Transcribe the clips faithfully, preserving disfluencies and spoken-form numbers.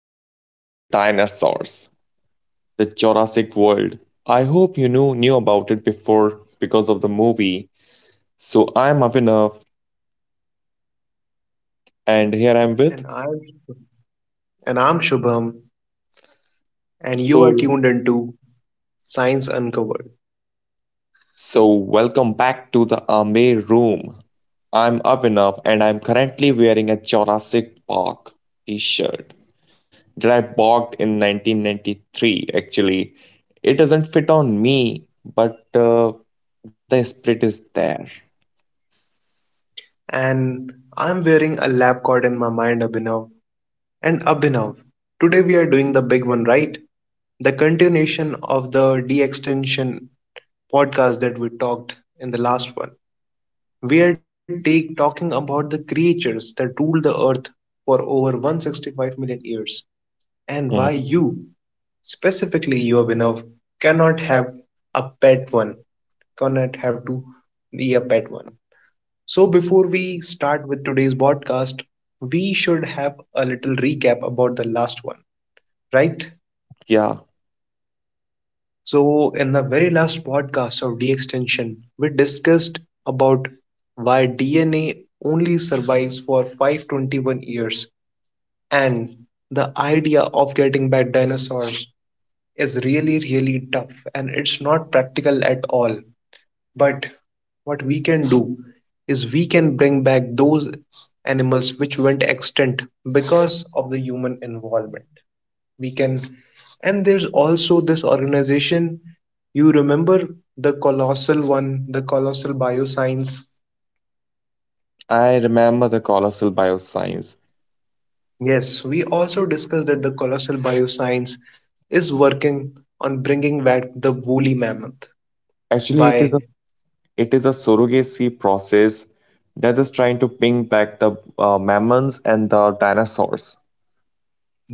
about the dinosaurs, the Jurassic World. I hope you knew knew about it before because of the movie. So, I'm Avinav and here I'm with And I'm and I'm Shubham, and you so are tuned into Science Uncovered. so welcome back to the Ame room. I'm Avinav and I'm currently wearing a Jurassic Park t-shirt that I bought in nineteen ninety-three. Actually, it doesn't fit on me, but uh, the spirit is there. And I'm wearing a lab coat in my mind, Abhinav. And Abhinav, today we are doing the big one, right? The continuation of the de-extension podcast that we talked in the last one. We are take, talking about the creatures that ruled the earth for over one hundred sixty-five million years, and why Mhm. you specifically, your winner cannot have a pet one, cannot have to be a pet one. So, before we start with today's podcast, we should have a little recap about the last one, right? Yeah, So, in the very last podcast of D extension, we discussed about why D N A only survives for five hundred twenty-one years and the idea of getting back dinosaurs is really, really tough and it's not practical at all. But what we can do is we can bring back those animals which went extinct because of the human involvement. We can, and there's also this organization. You remember the colossal one, the colossal bioscience? I remember the colossal bioscience. Yes, we also discussed that the colossal bioscience is working on bringing back the woolly mammoth Actually, it is a by it is a surrogacy process that is trying to bring back the uh, mammals and the dinosaurs.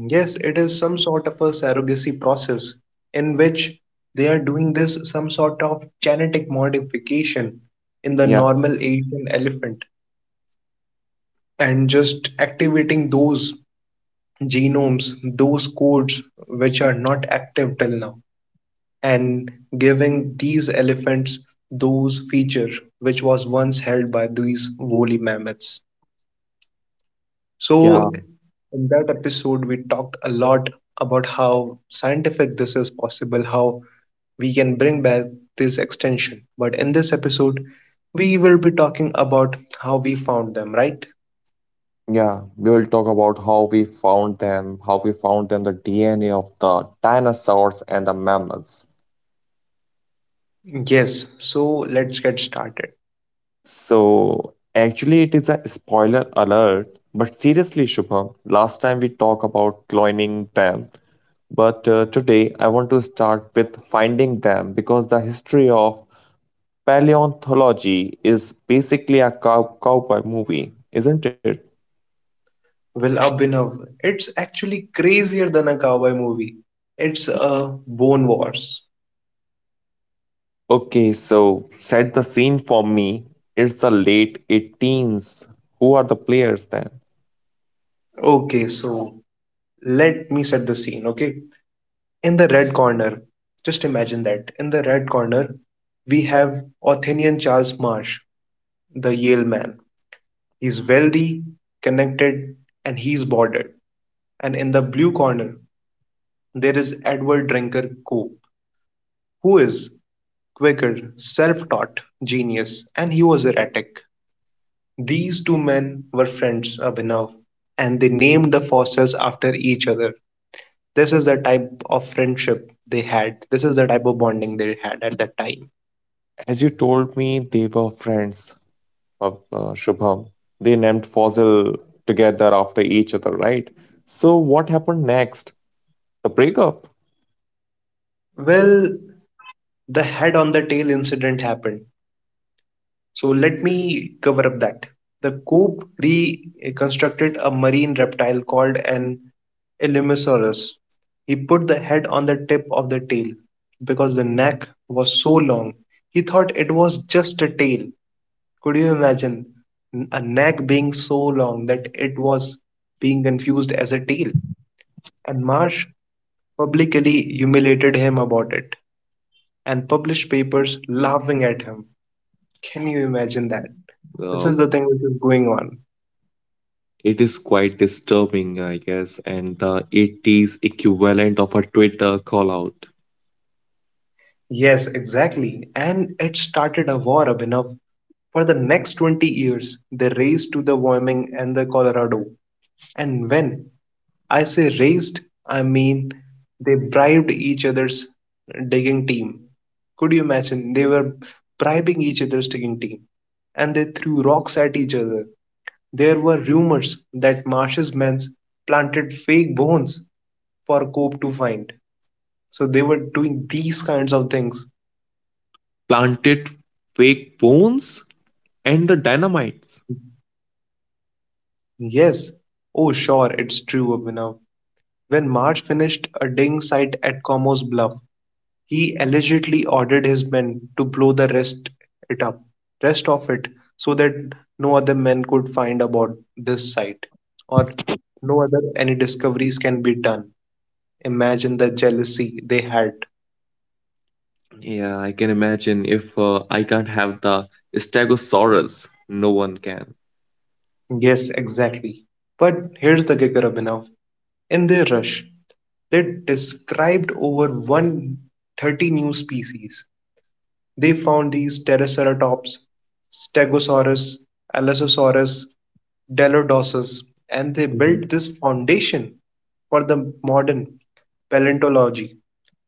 Yes, it is some sort of a surrogacy process in which they are doing this some sort of genetic modification in the Yeah, normal Asian elephant and just activating those genomes, those codes which are not active till now, and giving these elephants those features which was once held by these woolly mammoths. yeah, So in that episode, we talked a lot about how scientific this is possible, how we can bring back this extension. But in this episode, we will be talking about how we found them, right? yeah. We will talk about how we found them, how we found them, the D N A of the dinosaurs and the mammals. Yes, so let's get started. So, actually, it is a spoiler alert, but seriously, Shubham, last time we talked about cloning them, but uh, today I want to start with finding them because the history of paleontology is basically a cow- cowboy movie, isn't it? Well, Abhinav, it's actually crazier than a cowboy movie. It's a Bone Wars. Okay, so set the scene for me. It's the late 18s. Who are the players then? Okay, so let me set the scene, okay? In the red corner, just imagine that. In the red corner, we have Athenian Charles Marsh, the Yale man. He's wealthy, connected, and he's bordered. And in the blue corner there is Edward Drinker Cope, who is quicker, self-taught genius, and he was erratic. These two men were friends, Abhinav, and they named the fossils after each other. This is the type of friendship they had. This is the type of bonding they had at that time. As you told me, they were friends of uh, Shubham. They named Fossil together after each other, right? So what happened next? The breakup. Well, the head on the tail incident happened. So let me cover up that. The Coop reconstructed a marine reptile called an Illumosaurus. He put the head on the tip of the tail because the neck was so long. He thought it was just a tail. Could you imagine a neck being so long that it was being confused as a tail? And Marsh publicly humiliated him about it and published papers laughing at him. Can you imagine that? This Uh, is the thing which is going on. it is quite disturbing, I guess, and the eighties equivalent of a Twitter call out. Yes, exactly. And it started a war, Abhinav. For the next twenty years, they raced to the Wyoming and the Colorado. And when I say raced, I mean they bribed each other's digging team. Could you imagine? They were bribing each other's digging team and they threw rocks at each other. There were rumors that Marsh's men planted fake bones for Cope to find. So they were doing these kinds of things. Planted fake bones and the dynamites. Yes. Oh, sure, it's true, Abhinav. When March finished a ding site at Como's Bluff, he allegedly ordered his men to blow the rest it up, rest of it, so that no other men could find about this site, or no other any discoveries can be done. Imagine the jealousy they had. Yeah, I can imagine if uh, I can't have the Stegosaurus, no one can. Yes, exactly. But here's the kicker, Abhinav. In their rush, they described over one hundred thirty new species. They found these Triceratops, Stegosaurus, Allosaurus, Dilophosaurus, and they Mhm. built this foundation for the modern paleontology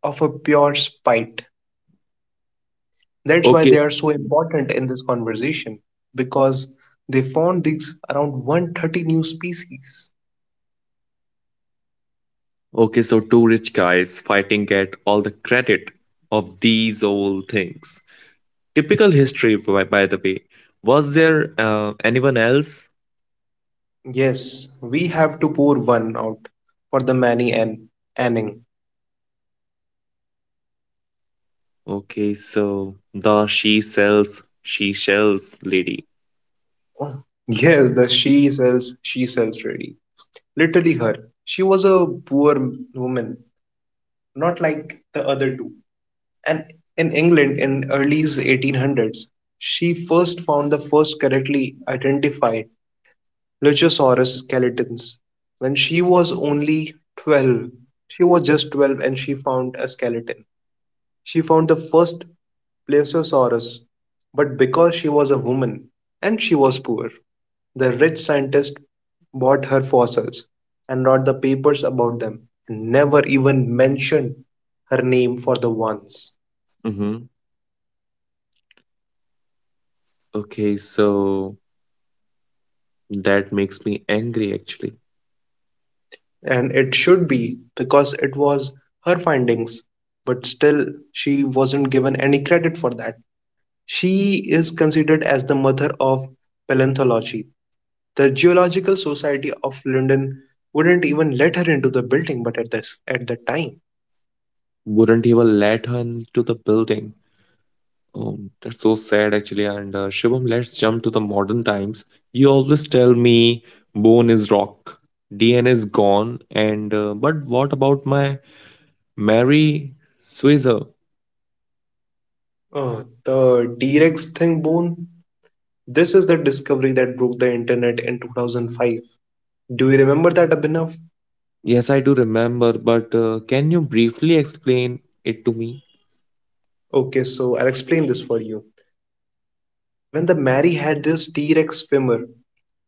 of a pure spite. That's why Okay, they are so important in this conversation because they found these around one hundred thirty new species. okay, so two rich guys fighting get all the credit of these old things. Typical history, by, by the way. Was there uh, anyone else? Yes, we have to pour one out for the many and anning. Okay, so the she sells, she sells lady. Yes, the she sells, she sells ready. Literally her. She was a poor m- woman, not like the other two. And in England in early eighteen hundreds, she first found the first correctly identified Luchosaurus skeletons. When she was only twelve, she was just twelve and she found a skeleton. She found the first Plesiosaurus, but because she was a woman and she was poor, the rich scientist bought her fossils and wrote the papers about them and never even mentioned her name for the ones. Hmm. Okay, so that makes me angry actually. And it should be, because it was her findings, but still she wasn't given any credit for that. She is considered as the mother of paleontology. The Geological Society of London wouldn't even let her into the building, but at this at the time. Wouldn't even let her into the building. Oh, that's so sad actually. And uh, Shivam, let's jump to the modern times. You always tell me bone is rock, D N A is gone, and uh, but what about my Mary Switzer? Oh, the T Rex thing, Boone. This is the discovery that broke the internet in two thousand five. Do you remember that, Abhinav? Yes, I do remember, but uh, can you briefly explain it to me? Okay, so I'll explain this for you. When the Mary had this T Rex swimmer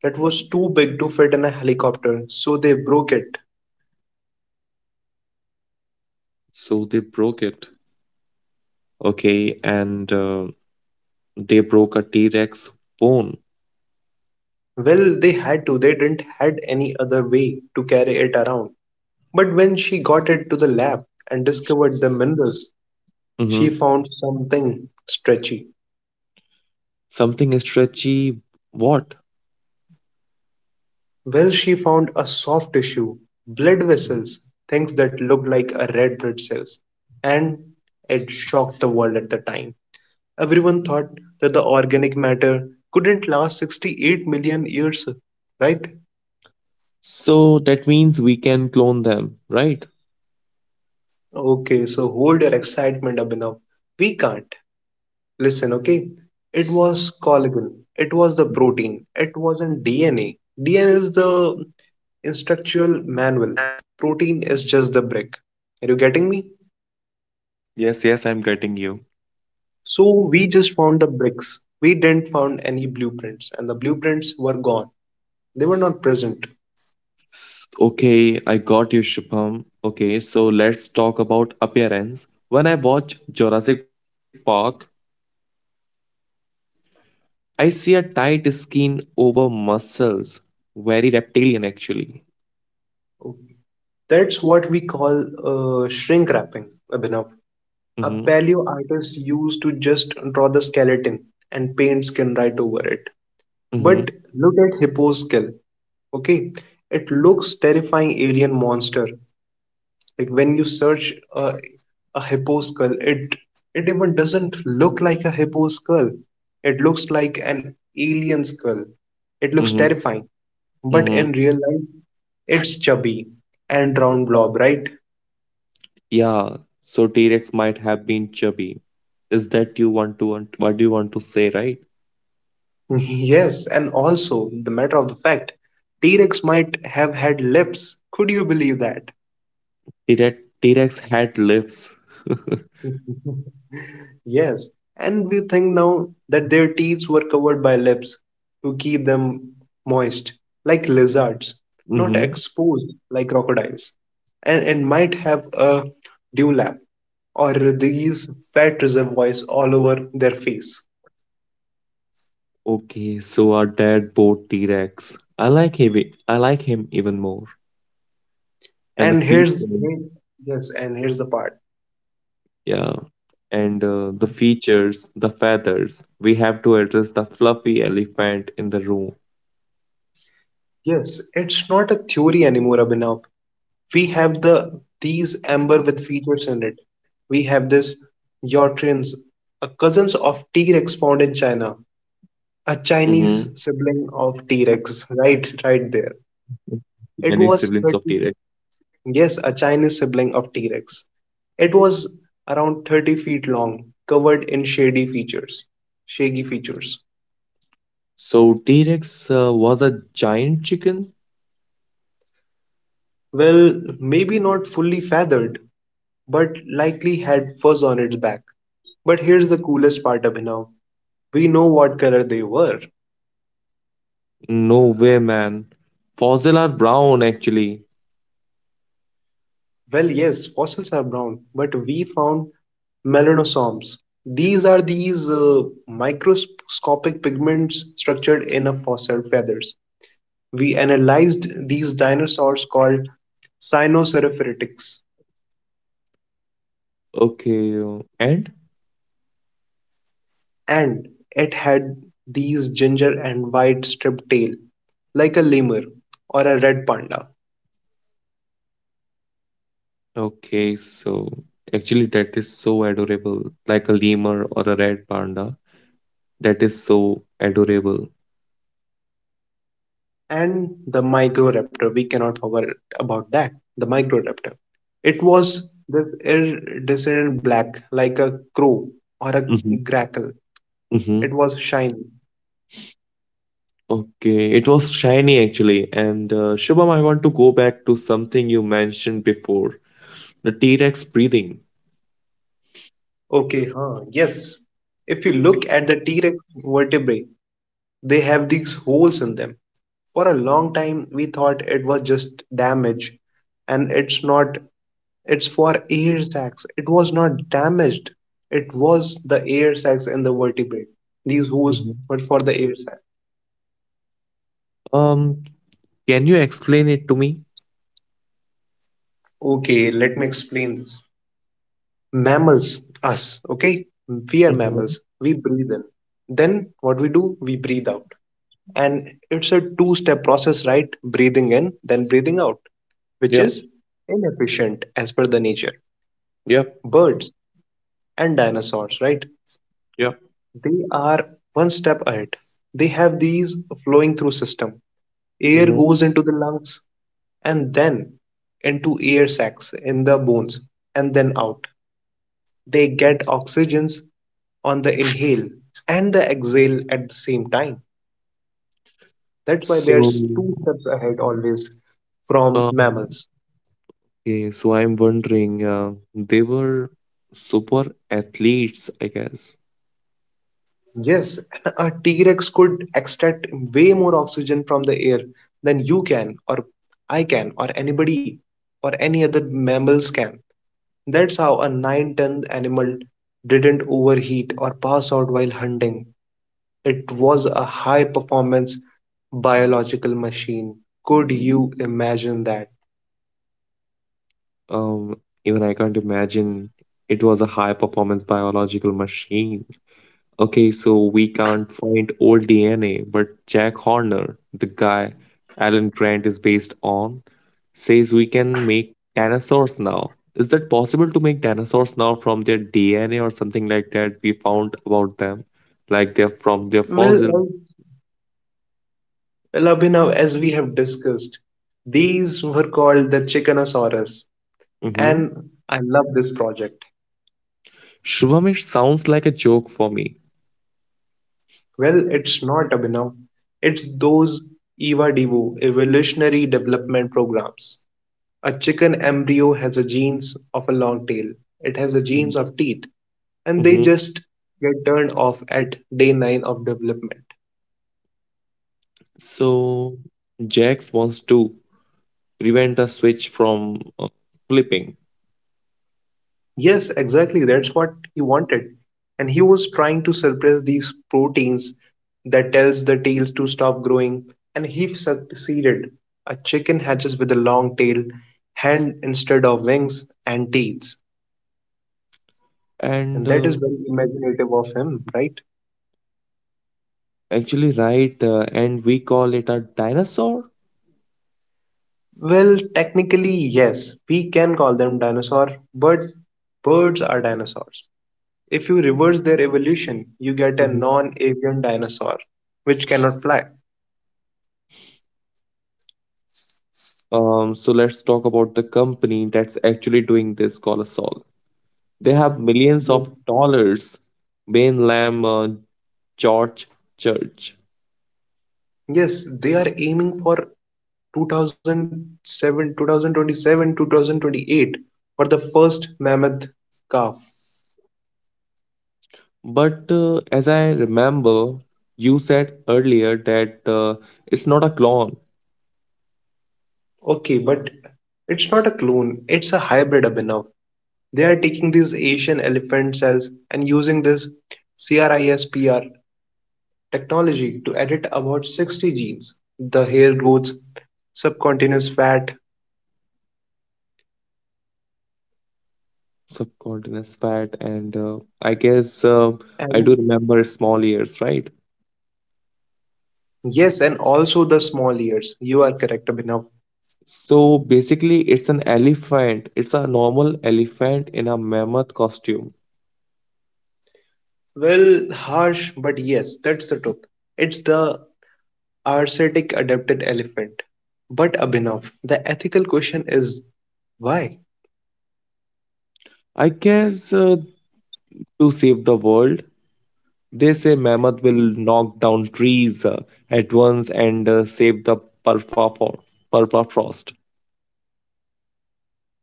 that was too big to fit in a helicopter, so they broke it. So they broke it. Okay, and uh, they broke a T Rex bone. Well, they had to, they didn't had any other way to carry it around. But when she got it to the lab and discovered the minerals, she found something stretchy. Something stretchy, what? Well, she found a soft tissue, blood vessels, things that looked like a red blood cells, and it shocked the world at the time. Everyone thought that the organic matter couldn't last sixty-eight million years, right? So that means we can clone them, right? Okay, so hold your excitement, Abhinav. We can't. Listen, okay? It was collagen. It was the Mhm. protein. It wasn't D N A. D N A is the instructional manual. Protein is just the brick. Are you getting me? Yes, yes, I'm getting you. So we just found the bricks. We didn't found any blueprints, and the blueprints were gone. They were not present. S- Okay, I got you, Shubham. Okay, so let's talk about appearance. When I watch Jurassic Park, the movie, I see a tight skin over muscles. Very reptilian, actually. That's what we call uh, shrink wrapping, Abhinav. A Mm-hmm. paleo artist used to just draw the skeleton and paint skin right over it. Mm-hmm. But look at Hippo's skill. Okay, it looks terrifying alien monster, like when you search a, a hippo skull, it it even doesn't look like a hippo skull. It looks like an alien skull. It looks Mm-hmm. terrifying. But Mm-hmm. in real life, it's chubby and round blob, right? Yeah, so T-Rex might have been chubby. Is that you want to want, what do you want to say, right? Yes, and also the matter of the fact, T Rex might have had lips. Could you believe that? T-Rex T-Rex had lips. Yes, and we think now that their teeth were covered by lips to keep them moist, like lizards, not Mhm. exposed like crocodiles, and, and might have a dewlap or these fat reservoirs all over their face. Okay, so our dad bought T-Rex. I like him. e- I like him even more. And the And here's features, Yes, and here's the part. yeah, and uh, the features, the feathers. We have to address the fluffy elephant in the room. Yes, it's not a theory anymore, Abhinav. We have the these amber with features in it. We have this Yortrins, a cousins of T-Rex found in China, a Mm-hmm. Chinese sibling of T-Rex, right, right there. Many siblings of It T-Rex. was thirty, yes, a Chinese sibling of T-Rex. It was around thirty feet long, covered in shady features, shaggy features. So T-Rex uh, was a giant chicken? Well, maybe not fully feathered, but likely had fuzz on its back. But here's the coolest part, Abhinav. We know what color they were. No way, man. Fossil are brown, actually. Well, yes, fossils are brown, but we found melanosomes. These are these uh, microscopic pigments structured in a fossil feathers. We analyzed these dinosaurs called cynocerophoretics, Okay, uh, and and it had these ginger and white striped tail, like a lemur or a red panda. okay, so actually that is so adorable, like a lemur or a red panda. That is so adorable. And the Microraptor. We cannot forget about that. The Microraptor. It was this iridescent black, like a crow or a Hmm. grackle. It Hmm. was shiny. Okay, it was shiny actually. And uh, Shubham, I want to go back to something you mentioned before, the T-Rex breathing. Okay, huh? Yes. If you look at the T Rex vertebrae, they have these holes in them. For a long time, we thought it was just damage, and it's not. It's for air sacs. It was not damaged. It was the air sacs in the vertebrate. These holes Mhm. were for the air sac. Um, can you explain it to me? Okay, let me explain this. Mammals, us, okay? We are Mm-hmm. mammals. We breathe in. Then what we do? We breathe out. And it's a two step process, right? Breathing in, then breathing out, which Yeah, is inefficient as per the nature. yeah, Birds and dinosaurs, right? yeah. They are one step ahead. They have these flowing through system. Air Mm-hmm. goes into the lungs and then into air sacs in the bones and then out. They get oxygens on the inhale and the exhale at the same time. That's why they are So, two steps ahead always from um, mammals. okay, so I'm wondering, uh, they were super athletes, I guess. Yes, a T Rex could extract way more oxygen from the air than you can, or I can, or anybody, or any other mammals can. That's how a nine ton animal didn't overheat or pass out while hunting. It was a high performance biological machine. Could you imagine that? Um, even I can't imagine it was a high performance biological machine. Okay, so we can't find old D N A, but Jack Horner, the guy Alan Grant is based on, says we can make dinosaurs now. Is that possible to make dinosaurs now from their D N A or something like that we found about them? Like they're from their Well, fossil. um, well, Abhinav, as we have discussed, these were called the Chickenosaurus, Mm-hmm. and I love this project. Shubhamish sounds like a joke for me. Well, it's not Abhinav, it's those EVA Devo evolutionary development programs. A chicken embryo has the genes of a long tail. It has the genes of teeth, and they Mm-hmm. just get turned off at day nine of development. So Jax wants to prevent a switch from uh, flipping Yes, exactly. That's what he wanted. And he was trying to suppress these proteins that tells the tails to stop growing, and he succeeded. A chicken hatches with a long tail, hand instead of wings, and teeth. And and that uh, is very imaginative of him, right? actually right uh, and we call it a dinosaur. Well, technically, yes, we can call them dinosaur, but birds are dinosaurs. If you reverse their evolution, you get a Mhm. non-avian dinosaur, which cannot fly. um, so let's talk about the company that's actually doing this colossal. They have millions Yeah. of dollars, Bain Lam, uh, George Church. Yes, they are aiming for two thousand seven, two thousand twenty-seven, twenty twenty-eight for the first mammoth calf. But uh, as I remember, you said earlier that uh, it's not a clone, Okay, but it's not a clone, it's a hybrid abhinav. They are taking these Asian elephant cells and using this CRISPR technology to edit about sixty genes, the hair growth, subcutaneous fat, subcutaneous fat, and uh, I guess uh, I do and remember small ears, right? yes, and also the small ears. You are correct, Abhinav. So basically, it's an elephant. It's a normal elephant in a mammoth costume. Well, harsh, but yes, that's the truth. It's the arsetic adapted elephant. But Abhinav, the ethical question is why? I guess uh, to save the world, they say mammoth will knock down trees uh, at once and uh, save the permafrost. Permafrost,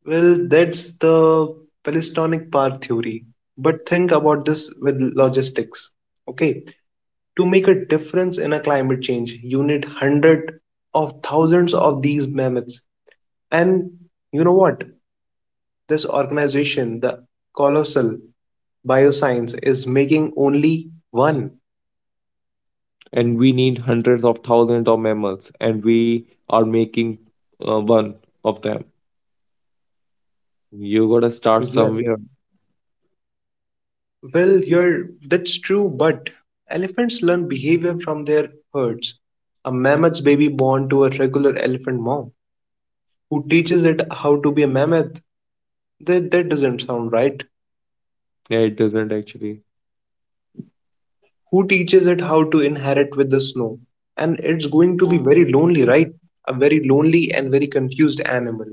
Well, that's the Palestinic part theory. But think about this with logistics. Okay, to make a difference in a climate change, you need hundreds of thousands of these mammoths. And you know what? This organization, the Colossal Bioscience, is making only one. and we need hundreds of thousands of mammoths, and we are making uh, one of them. You gotta start Yes. somewhere. Well, you're that's true, but elephants learn behavior from their herds. A mammoth's baby born to a regular elephant mom who teaches it how to be a mammoth. That, that doesn't sound right. Yeah, it doesn't actually Who teaches it how to inherit with the snow. And it's going to be very lonely, right? A very lonely and very confused animal.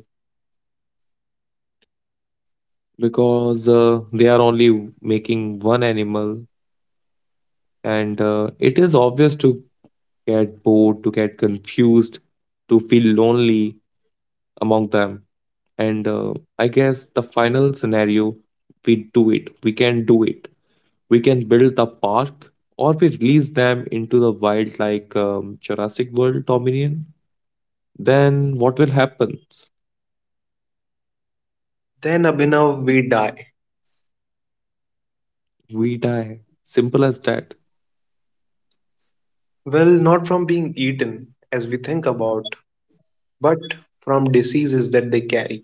because uh, they are only making one animal. And uh, it is obvious to get bored, to get confused, to feel lonely among them. And uh, I guess the final scenario we do it, we can do it. We can build the park or we release them into the wild like um, Jurassic World Dominion. Then what will happen? Then, Abhinav, we die. We die. Simple as that. Well, not from being eaten, as we think about, but from diseases that they carry,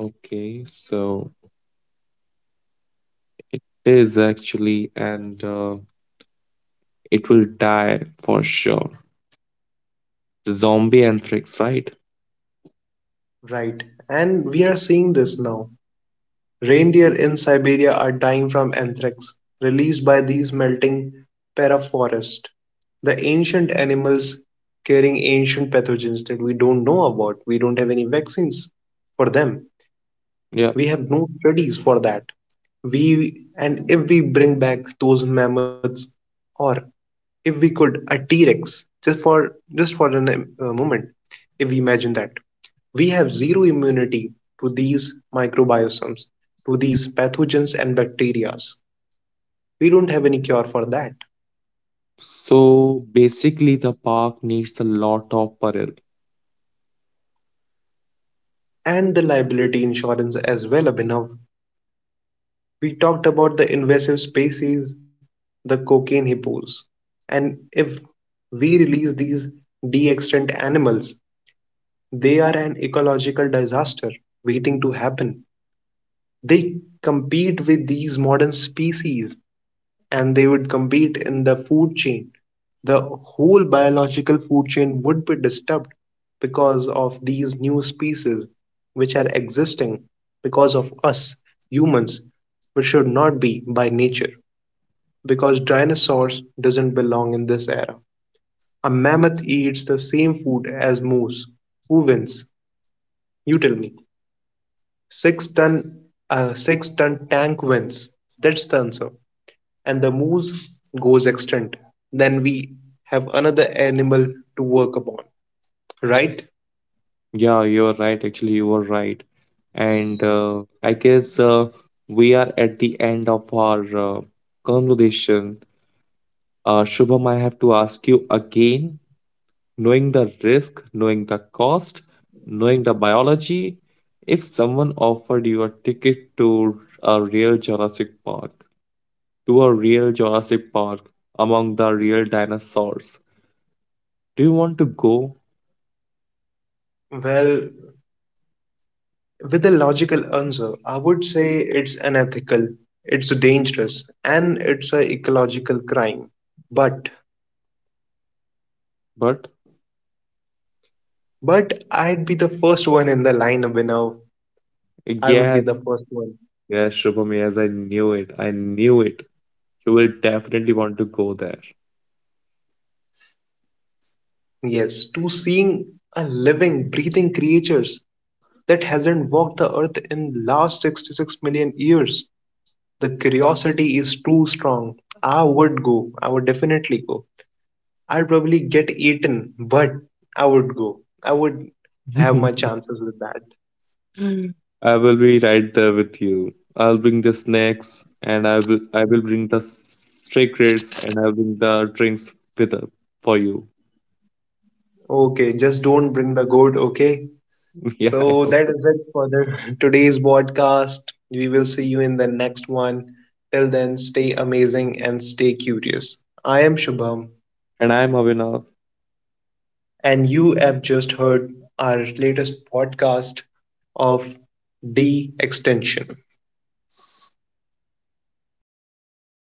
Okay, so it is actually, and uh, it will die for sure. Zombie Anthrax, right? right? And we are seeing this now. Reindeer in Siberia are dying from anthrax released by these melting permafrost, the ancient animals carrying ancient pathogens that we don't know about. We don't have any vaccines for them. Yeah. We have no studies for that. We and if we bring back those mammoths, or if we could a T-Rex, just for just for a n- a moment, if we imagine that we have zero immunity to these microbiomes, to these pathogens and bacteria. We don't have any cure for that. So basically, the park needs a lot of parallel. And the liability insurance as well, Abhinav. We talked about the invasive species, the cocaine hippos. And if we release these de extant animals, they are an ecological disaster waiting to happen. They compete with these modern species and they would compete in the food chain. The whole biological food chain would be disturbed because of these new species which are existing because of us humans, which should not be by nature because dinosaurs doesn't belong in this era. A mammoth eats the same food as moose. Who wins? You tell me. Six ton, a six ton tank wins. That's the answer. And the moose goes extinct, then we have another animal to work upon, right? Yeah, you're right. Actually, you were right. And uh, I guess uh, we are at the end of our uh, conversation. Uh, Shubham, I have to ask you again, knowing the risk, knowing the cost, knowing the biology, if someone offered you a ticket to a real Jurassic Park, to a real Jurassic Park among the real dinosaurs, do you want to go? Well, with a logical answer, I would say it's unethical, it's dangerous, and it's an ecological crime. But, But but I'd be the first one in the lineup, you know. I would be yes, the first one. yes, Shubham, yes, I knew it. I knew it. You will definitely want to go there. Yes, to seeing a living, breathing creatures that hasn't walked the earth in last sixty-six million years. The curiosity is too strong. I would go. I would definitely go. I'd probably get eaten, but I would go. I would have my chances with that. I will be right there with you. I'll bring the snacks and I will I will bring the secrets and I'll bring the drinks with uh, for you. Okay, just don't bring the goat, okay? Yeah, I So know. that is it for the today's podcast. We will see you in the next one. Till then, stay amazing and stay curious. I am Shubham, And I'm Avinav. and you have just heard our latest podcast of D extension.